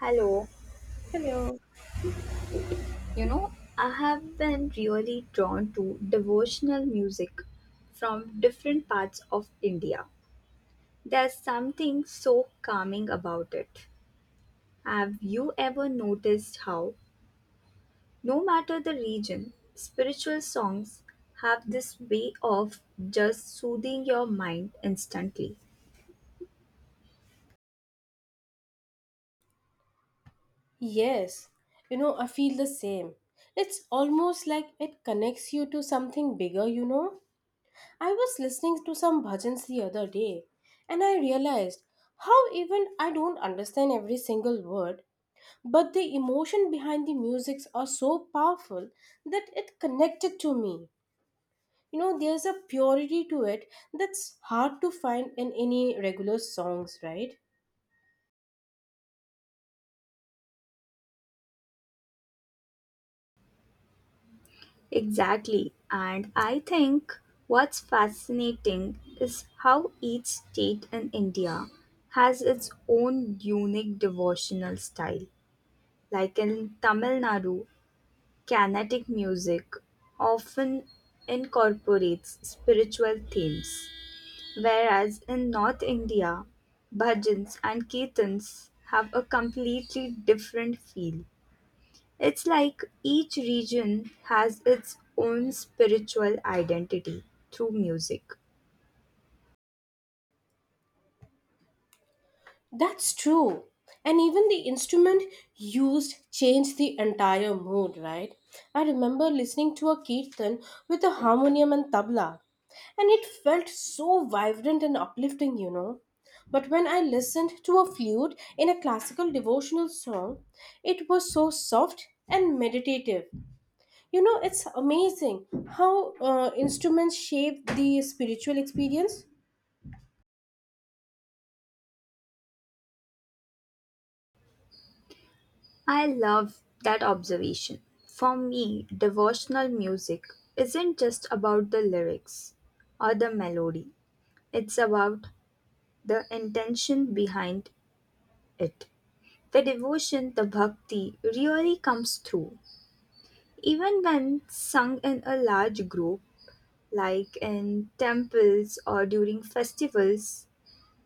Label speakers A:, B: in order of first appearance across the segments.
A: Hello.
B: Hello.
A: You know, I have been really drawn to devotional music from different parts of India. There's something so calming about it. Have you ever noticed how, no matter the region, spiritual songs have this way of just soothing your mind instantly?
B: Yes, you know, I feel the same. It's almost like it connects you to something bigger, you know. I was listening to some bhajans the other day and I realized how even I don't understand every single word, but the emotion behind the musics are so powerful that it connected to me. You know, there's a purity to it that's hard to find in any regular songs, right?
A: Exactly. And I think what's fascinating is how each state in India has its own unique devotional style. Like in Tamil Nadu, Carnatic music often incorporates spiritual themes, whereas in North India, bhajans and kirtans have a completely different feel. It's like each region has its own spiritual identity through music.
B: That's true. And even the instrument used changed the entire mood, right? I remember listening to a kirtan with a harmonium and tabla, and it felt so vibrant and uplifting, you know. But when I listened to a flute in a classical devotional song, it was so soft and meditative. You know, it's amazing how instruments shape the spiritual experience.
A: I love that observation. For me, devotional music isn't just about the lyrics or the melody, it's about the intention behind it. The devotion, the bhakti, really comes through. Even when sung in a large group, like in temples or during festivals,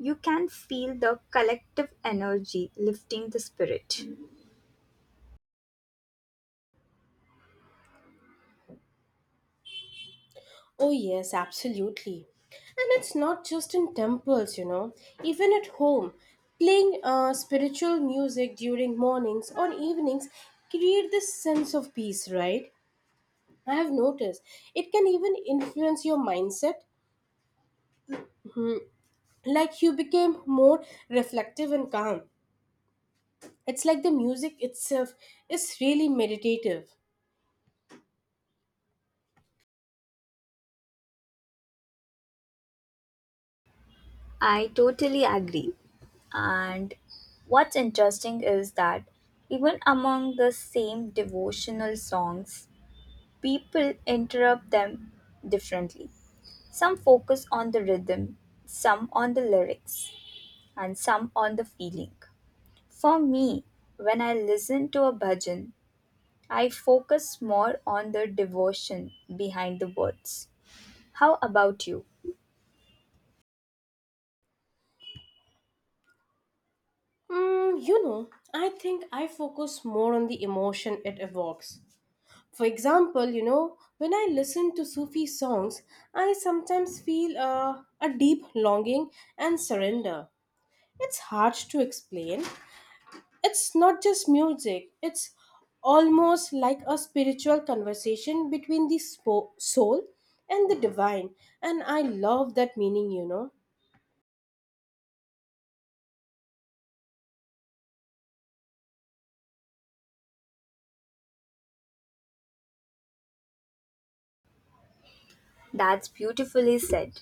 A: you can feel the collective energy lifting the spirit.
B: Oh, yes, absolutely. And it's not just in temples, you know, even at home. Playing spiritual music during mornings or evenings create this sense of peace, right? I have noticed it can even influence your mindset, like you became more reflective and calm. It's like the music itself is really meditative.
A: I totally agree. And what's interesting is that even among the same devotional songs, people interpret them differently. Some focus on the rhythm, some on the lyrics, and some on the feeling. For me, when I listen to a bhajan, I focus more on the devotion behind the words. How about you?
B: Mm, you know, I think I focus more on the emotion it evokes. For example, you know, when I listen to Sufi songs, I sometimes feel a deep longing and surrender. It's hard to explain. It's not just music, it's almost like a spiritual conversation between the soul and the divine. And I love that meaning, you know.
A: That's beautifully said.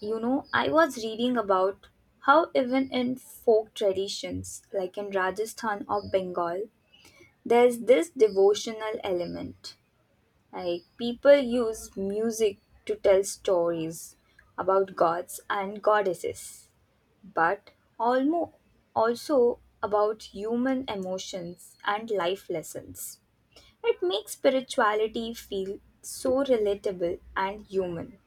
A: You know, I was reading about how even in folk traditions, like in Rajasthan or Bengal, there's this devotional element. Like people use music to tell stories about gods and goddesses, but almo also about human emotions and life lessons. It makes spirituality feel so relatable and human.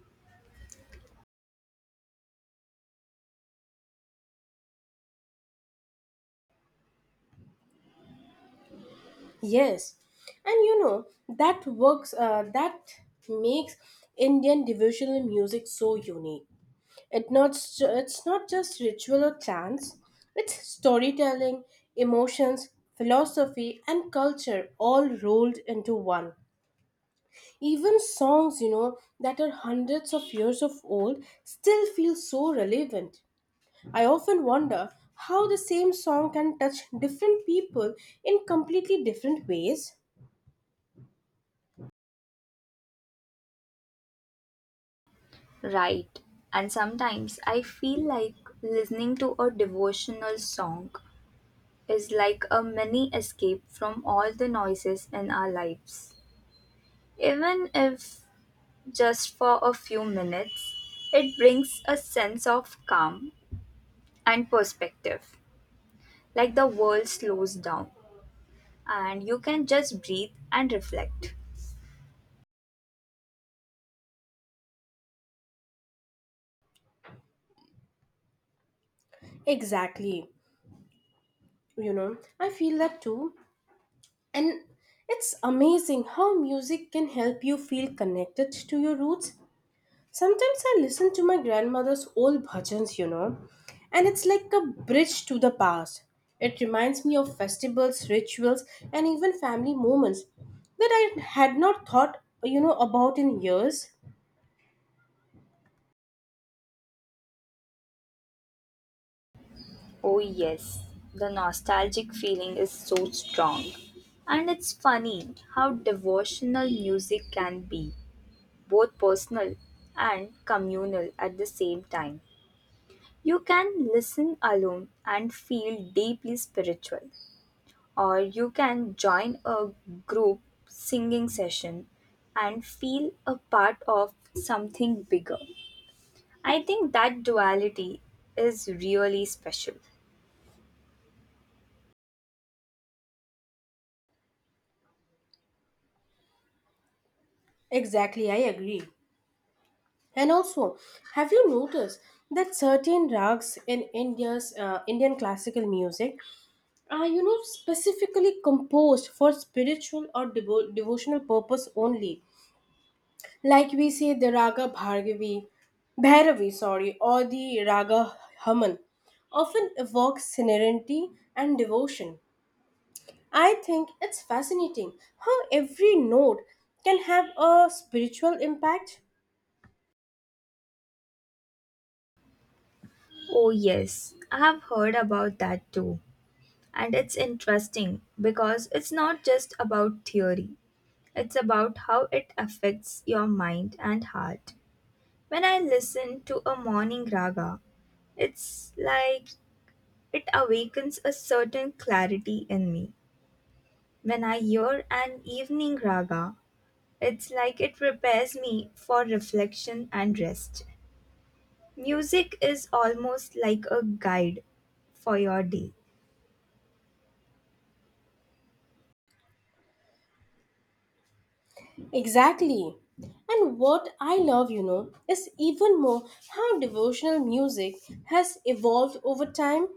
B: Yes, and you know that works. That makes Indian devotional music so unique. It not, it's not just ritual or chants, it's storytelling, emotions, philosophy, and culture all rolled into one. Even songs, you know, that are hundreds of years of old still feel so relevant. I often wonder how the same song can touch different people in completely different ways.
A: Right. And sometimes I feel like listening to a devotional song is like a mini escape from all the noises in our lives. Even if just for a few minutes, it brings a sense of calm and perspective, like the world slows down and you can just breathe and reflect.
B: Exactly. You know, I feel that too. And it's amazing how music can help you feel connected to your roots. Sometimes I listen to my grandmother's old bhajans, you know, and it's like a bridge to the past. It reminds me of festivals, rituals, and even family moments that I had not thought, you know, about in years.
A: Oh, yes, the nostalgic feeling is so strong. And it's funny how devotional music can be both personal and communal at the same time. You can listen alone and feel deeply spiritual, or you can join a group singing session and feel a part of something bigger. I think that duality is really special.
B: Exactly, I agree. And also, have you noticed that certain rags in India's Indian classical music are, you know, specifically composed for spiritual or devotional purpose only, like we say the raga bhargavi bhairavi, sorry, or the raga haman, often evokes serenity and devotion. I think it's fascinating how every note can have a spiritual impact.
A: Oh, yes, I have heard about that too. And it's interesting because it's not just about theory, it's about how it affects your mind and heart. When I listen to a morning raga, it's like it awakens a certain clarity in me. When I hear an evening raga, it's like it prepares me for reflection and rest. Music is almost like a guide for your day.
B: Exactly. And what I love, you know, is even more how devotional music has evolved over time.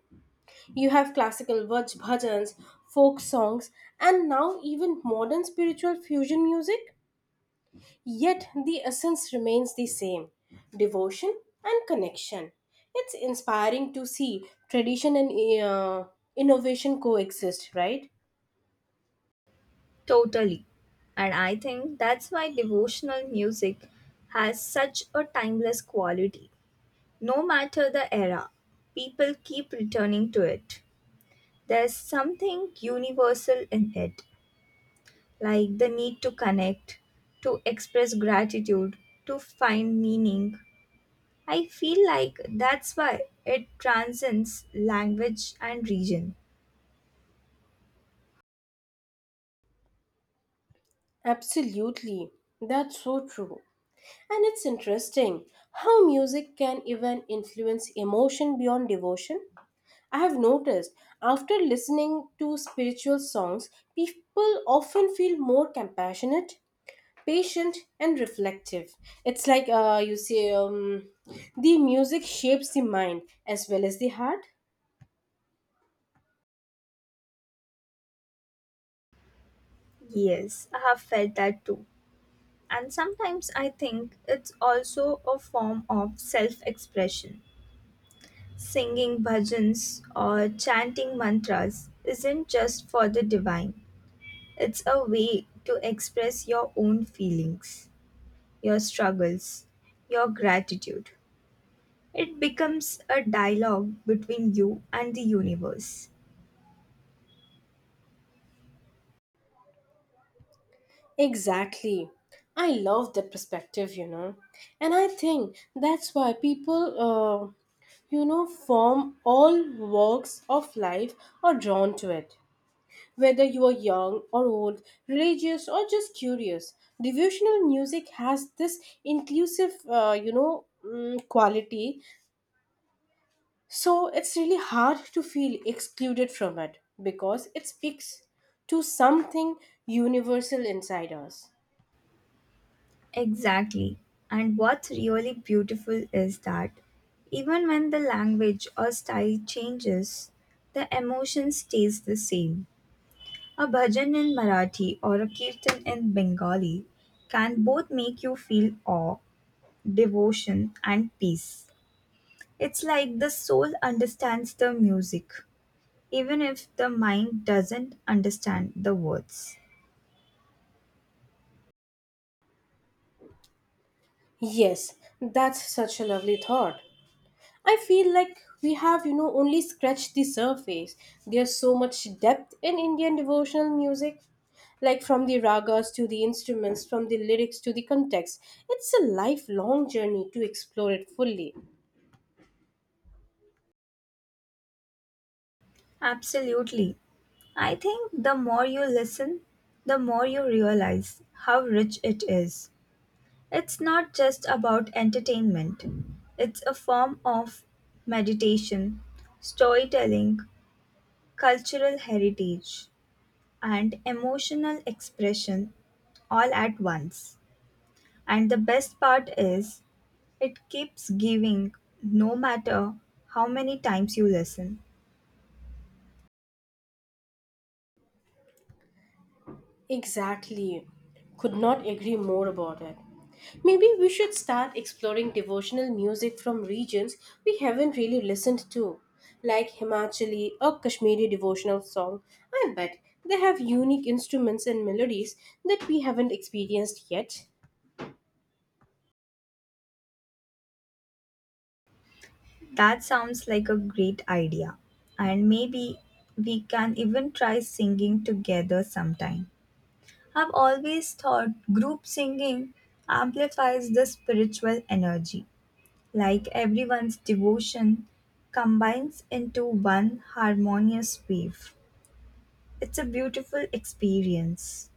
B: You have classical bhajans, folk songs, and now even modern spiritual fusion music. Yet the essence remains the same, devotion and connection. It's inspiring to see tradition and innovation coexist, right?
A: Totally. And I think that's why devotional music has such a timeless quality. No matter the era, people keep returning to it. There's something universal in it, like the need to connect, to express gratitude, to find meaning. I feel like that's why it transcends language and region.
B: Absolutely. That's so true. And it's interesting how music can even influence emotion beyond devotion. I have noticed after listening to spiritual songs, people often feel more compassionate, patient, and reflective. It's like you say, the music shapes the mind as well as the heart.
A: Yes, I have felt that too. And sometimes I think it's also a form of self expression. Singing bhajans or chanting mantras isn't just for the divine, it's a way to express your own feelings, your struggles, your gratitude. It becomes a dialogue between you and the universe.
B: Exactly. I love that perspective, you know. And I think that's why people, you know, form all walks of life are drawn to it. Whether you are young or old, religious or just curious, devotional music has this inclusive, you know, quality. So it's really hard to feel excluded from it because it speaks to something universal inside us.
A: Exactly. And what's really beautiful is that even when the language or style changes, the emotion stays the same. A bhajan in Marathi or a kirtan in Bengali can both make you feel awe, devotion, and peace. It's like the soul understands the music, even if the mind doesn't understand the words.
B: Yes, that's such a lovely thought. I feel like we have, you know, only scratched the surface. There's so much depth in Indian devotional music, like from the ragas to the instruments, from the lyrics to the context. It's a lifelong journey to explore it fully.
A: Absolutely. I think the more you listen, the more you realize how rich it is. It's not just about entertainment, it's a form of meditation, storytelling, cultural heritage, and emotional expression all at once. And the best part is, it keeps giving no matter how many times you listen.
B: Exactly. Could not agree more about it. Maybe we should start exploring devotional music from regions we haven't really listened to, like Himachali or Kashmiri devotional song. I bet they have unique instruments and melodies that we haven't experienced yet.
A: That sounds like a great idea. And maybe we can even try singing together sometime. I've always thought group singing amplifies the spiritual energy, like everyone's devotion combines into one harmonious wave. It's a beautiful experience.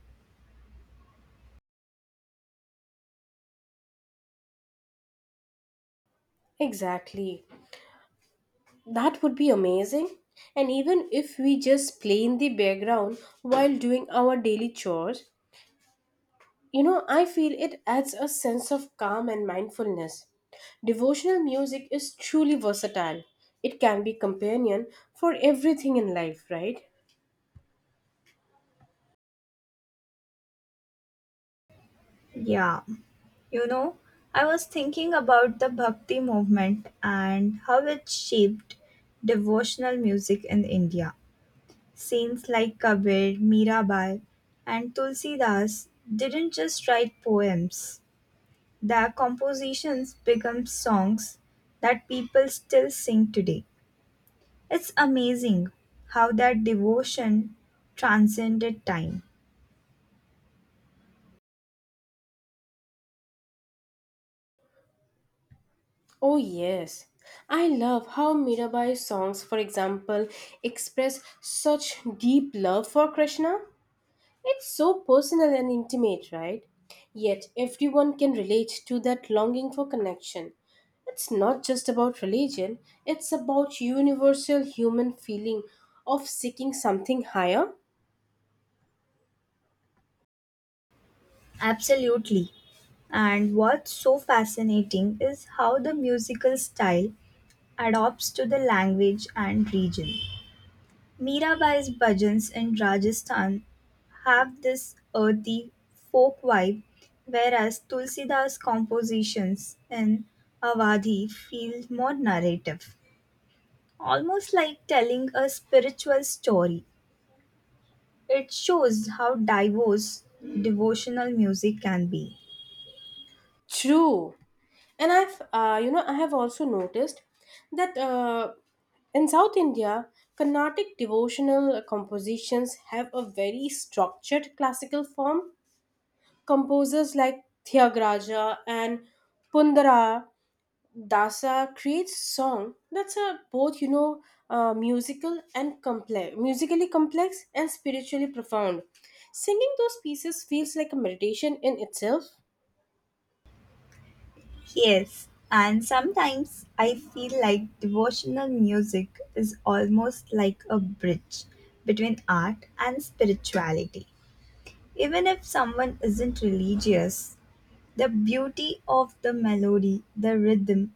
B: Exactly. That would be amazing. And even if we just play in the background while doing our daily chores, you know, I feel it adds a sense of calm and mindfulness. Devotional music is truly versatile. It can be companion for everything in life, right?
A: Yeah, you know, I was thinking about the bhakti movement and how it shaped devotional music in India. Saints like Kabir, Mirabai, and Tulsidas didn't just write poems, their compositions become songs that people still sing today. It's amazing how that devotion transcended time.
B: Oh yes. I love how Mirabai's songs, for example, express such deep love for Krishna. It's so personal and intimate, right? Yet everyone can relate to that longing for connection. It's not just about religion, it's about universal human feeling of seeking something higher.
A: Absolutely. And what's so fascinating is how the musical style adapts to the language and region. Mirabai's bhajans in Rajasthan have this earthy, folk vibe, whereas Tulsidas' compositions in Awadhi feel more narrative, almost like telling a spiritual story. It shows how diverse devotional music can be.
B: True. And you know, I have also noticed that in South India, Carnatic devotional compositions have a very structured classical form. Composers like Thyagaraja and Pundara Dasa creates song that's a both, you know, musically complex and spiritually profound. Singing those pieces feels like a meditation in itself.
A: Yes, and sometimes I feel like devotional music is almost like a bridge between art and spirituality. Even if someone isn't religious, the beauty of the melody, the rhythm,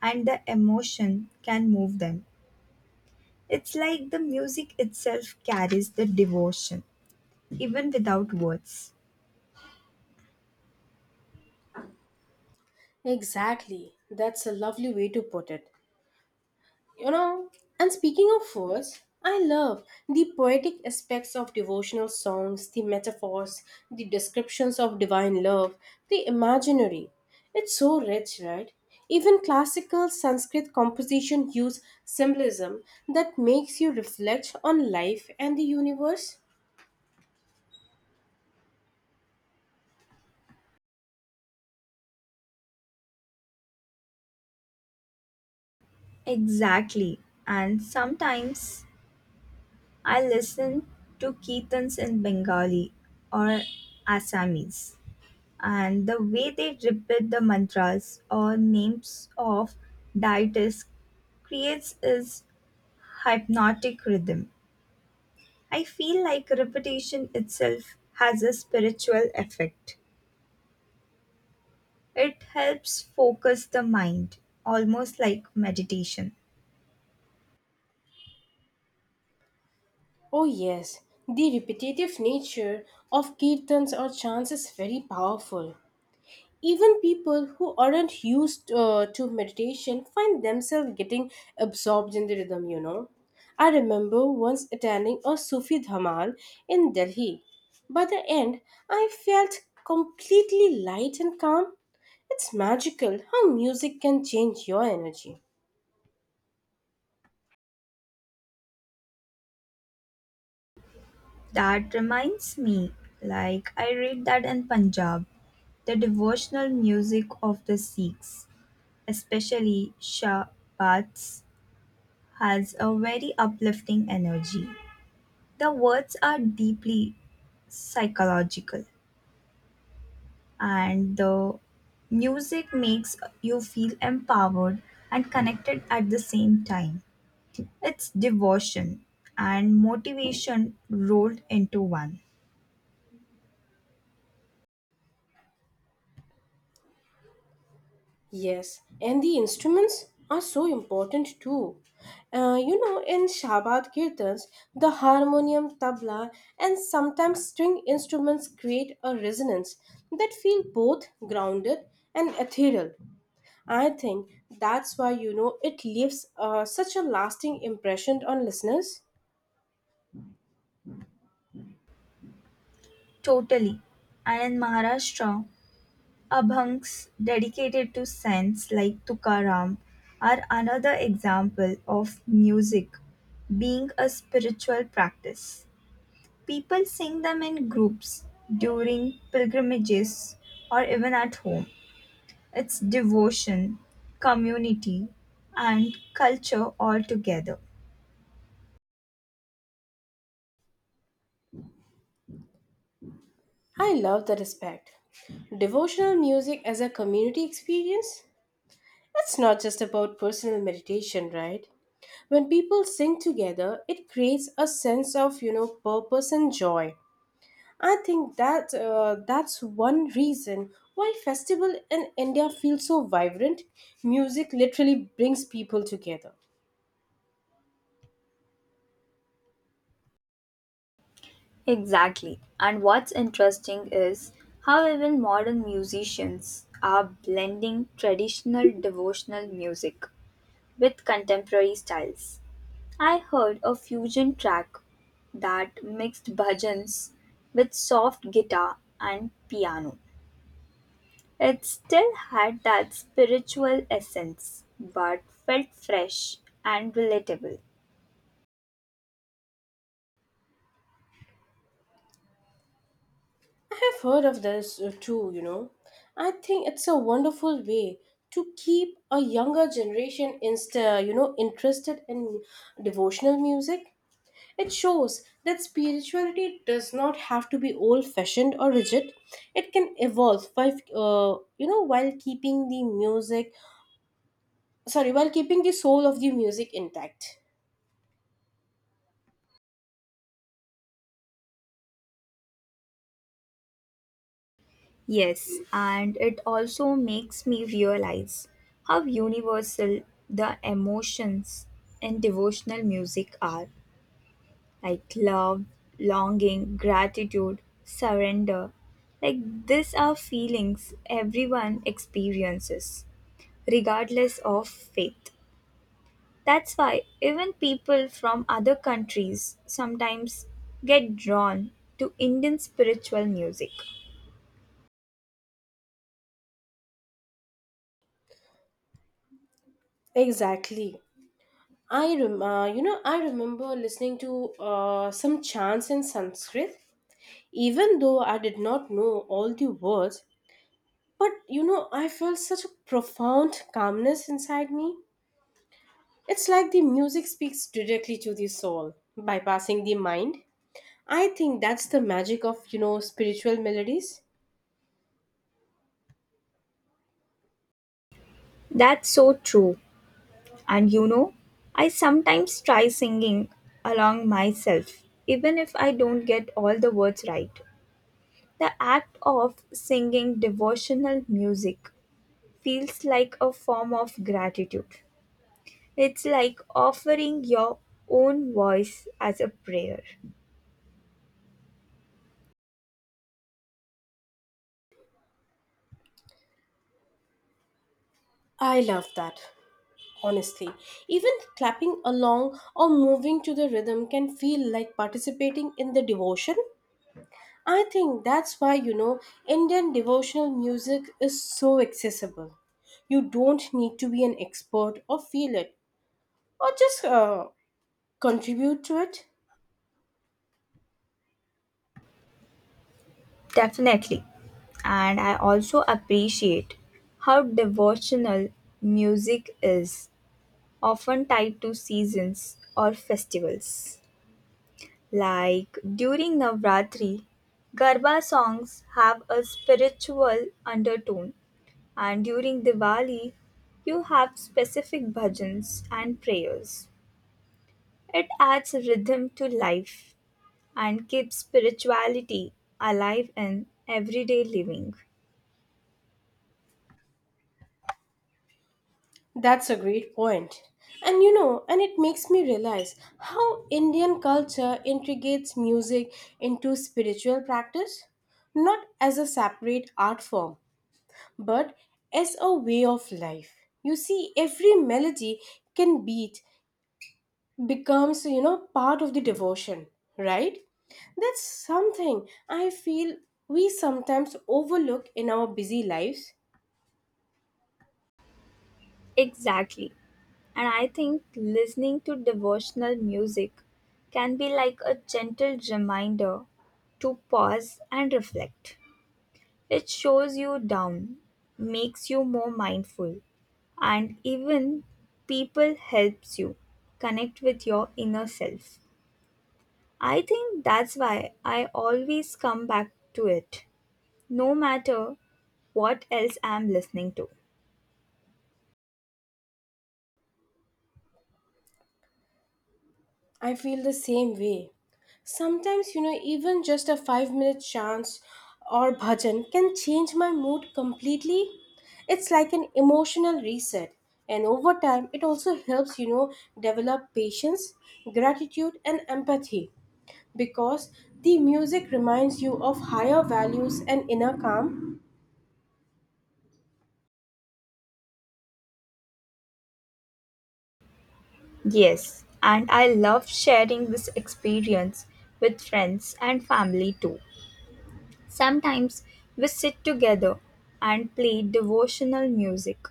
A: and the emotion can move them. It's like the music itself carries the devotion, even without words.
B: Exactly, that's a lovely way to put it. You know, and speaking of words, I love the poetic aspects of devotional songs, the metaphors, the descriptions of divine love, the imaginary. It's so rich, right? Even classical Sanskrit composition use symbolism that makes you reflect on life and the universe.
A: Exactly. And sometimes I listen to Keetans in Bengali or Assamese. And the way they repeat the mantras or names of deities creates is hypnotic rhythm. I feel like repetition itself has a spiritual effect. It helps focus the mind, almost like meditation.
B: Oh yes, the repetitive nature of kirtans or chants is very powerful. Even people who aren't used to meditation find themselves getting absorbed in the rhythm, you know. I remember once attending a Sufi Dhamal in Delhi. By the end, I felt completely light and calm. It's magical how music can change your energy.
A: That reminds me, like I read that in Punjab, the devotional music of the Sikhs, especially Shabats, has a very uplifting energy. The words are deeply psychological, and the music makes you feel empowered and connected at the same time. It's devotion and motivation rolled into one.
B: Yes, and the instruments are so important too. You know, in Shabad Kirtans, the harmonium, tabla, and sometimes string instruments create a resonance that feel both grounded and ethereal. I think that's why, you know, it leaves such a lasting impression on listeners.
A: Totally. And in Maharashtra, Abhangs dedicated to saints like Tukaram are another example of music being a spiritual practice. People sing them in groups during pilgrimages or even at home. It's devotion, community, and culture all together.
B: I love the respect. Devotional music as a community experience? It's not just about personal meditation, right? When people sing together, it creates a sense of, you know, purpose and joy. I think that that's one reason why festival in India feel so vibrant. Music literally brings people together.
A: Exactly. And what's interesting is how even modern musicians are blending traditional devotional music with contemporary styles. I heard a fusion track that mixed bhajans with soft guitar and piano. It still had that spiritual essence but felt fresh and relatable.
B: I have heard of this too. You know, I think it's a wonderful way to keep a younger generation insta you know interested in devotional music. It shows that spirituality does not have to be old-fashioned or rigid. It can evolve by, you know, while keeping the soul of the music intact.
A: Yes, and it also makes me realize how universal the emotions in devotional music are, like love, longing, gratitude, surrender. Like these are feelings everyone experiences, regardless of faith. That's why even people from other countries sometimes get drawn to Indian spiritual music.
B: Exactly. You know, I remember listening to some chants in Sanskrit. Even though I did not know all the words, but you know, I felt such a profound calmness inside me. It's like the music speaks directly to the soul, bypassing the mind. I think that's the magic of, you know, spiritual melodies.
A: That's so true. And you know, I sometimes try singing along myself, even if I don't get all the words right. The act of singing devotional music feels like a form of gratitude. It's like offering your own voice as a prayer.
B: I love that, honestly. Even clapping along or moving to the rhythm can feel like participating in the devotion. I think that's why, you know, Indian devotional music is so accessible. You don't need to be an expert or feel it or just contribute to it.
A: Definitely. And I also appreciate how devotional music is often tied to seasons or festivals. Like during Navratri, Garba songs have a spiritual undertone, and during Diwali, you have specific bhajans and prayers. It adds rhythm to life and keeps spirituality alive in everyday living.
B: That's a great point. And you know, and it makes me realize how Indian culture integrates music into spiritual practice, not as a separate art form, but as a way of life. You see, every melody can beat becomes, you know, part of the devotion, right? That's something I feel we sometimes overlook in our busy lives.
A: Exactly. And I think listening to devotional music can be like a gentle reminder to pause and reflect. It shows you down, makes you more mindful, and even people helps you connect with your inner self. I think that's why I always come back to it, no matter what else I'm listening to.
B: I feel the same way. Sometimes, you know, even just a 5 minute chant or bhajan can change my mood completely. It's like an emotional reset. And over time, it also helps, you know, develop patience, gratitude, and empathy because the music reminds you of higher values and inner calm.
A: Yes, and I love sharing this experience with friends and family too. Sometimes we sit together and play devotional music,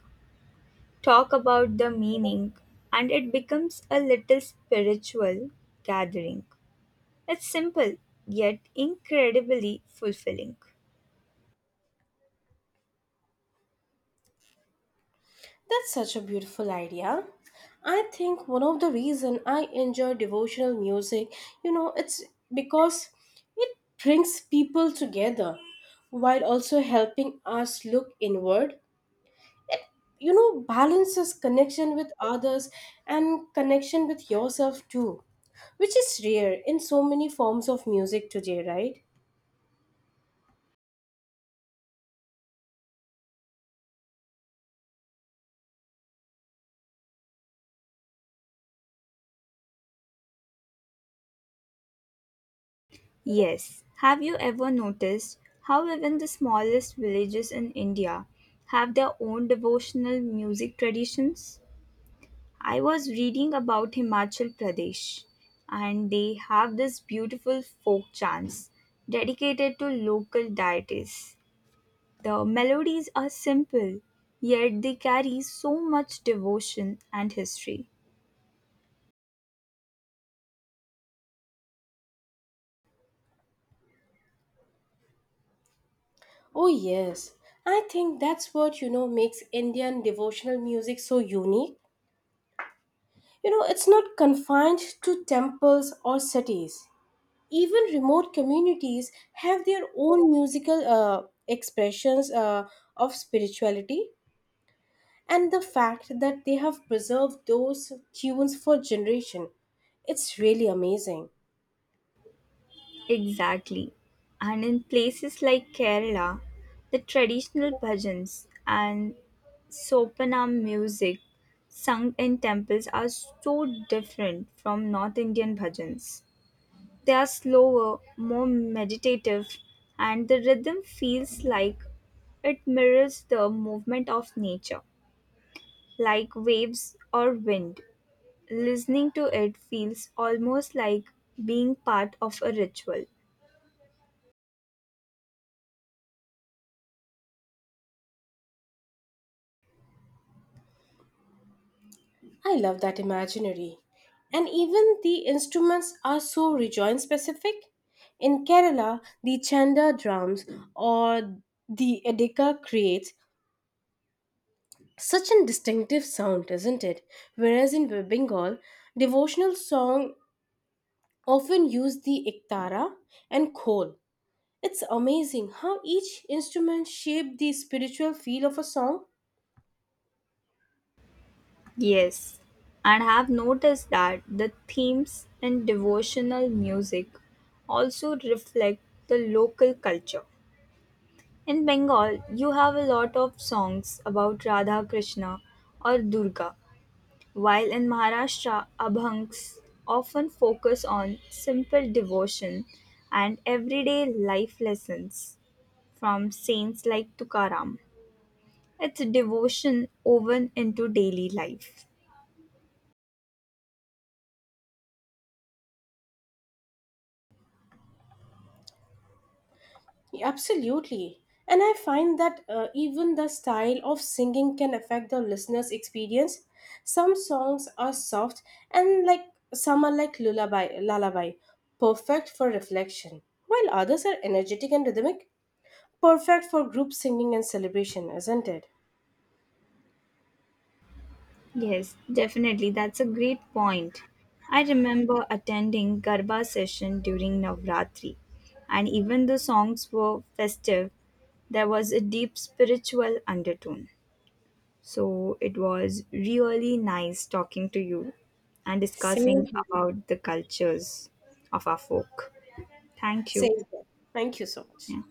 A: talk about the meaning, and it becomes a little spiritual gathering. It's simple, yet incredibly fulfilling.
B: That's such a beautiful idea. I think one of the reason I enjoy devotional music, you know, it's because it brings people together while also helping us look inward. You know, balances connection with others and connection with yourself too, which is rare in so many forms of music today, right?
A: Yes, have you ever noticed how even the smallest villages in India have their own devotional music traditions? I was reading about Himachal Pradesh and they have this beautiful folk chants dedicated to local deities. The melodies are simple, yet they carry so much devotion and history.
B: Oh, yes. I think that's what, you know, makes Indian devotional music so unique. You know, it's not confined to temples or cities. Even remote communities have their own musical expressions of spirituality, and the fact that they have preserved those tunes for generation, it's really amazing.
A: Exactly. And in places like Kerala, the traditional bhajans and Sopanam music sung in temples are so different from North Indian bhajans. They are slower, more meditative, and the rhythm feels like it mirrors the movement of nature, like waves or wind. Listening to it feels almost like being part of a ritual.
B: I love that imaginary. And even the instruments are so region specific. In Kerala, the chanda drums or the edika creates such a distinctive sound, isn't it? Whereas in Bengal, devotional song often use the ektara and khol. It's amazing how each instrument shaped the spiritual feel of a song.
A: Yes, and have noticed that the themes in devotional music also reflect the local culture. In Bengal, you have a lot of songs about Radha Krishna or Durga, while in Maharashtra, abhangs often focus on simple devotion and everyday life lessons from saints like Tukaram. It's a devotion woven into daily life.
B: Absolutely. And I find that even the style of singing can affect the listener's experience. Some songs are soft and like some are like lullaby, perfect for reflection, while others are energetic and rhythmic. Perfect for group singing and celebration, isn't it?
A: Yes, definitely. That's a great point. I remember attending Garba session during Navratri, and even the songs were festive, there was a deep spiritual undertone. So it was really nice talking to you and
B: Same
A: discussing
B: here.
A: about the cultures of our folk. Thank you.
B: Same here. Thank you so much.
A: Yeah.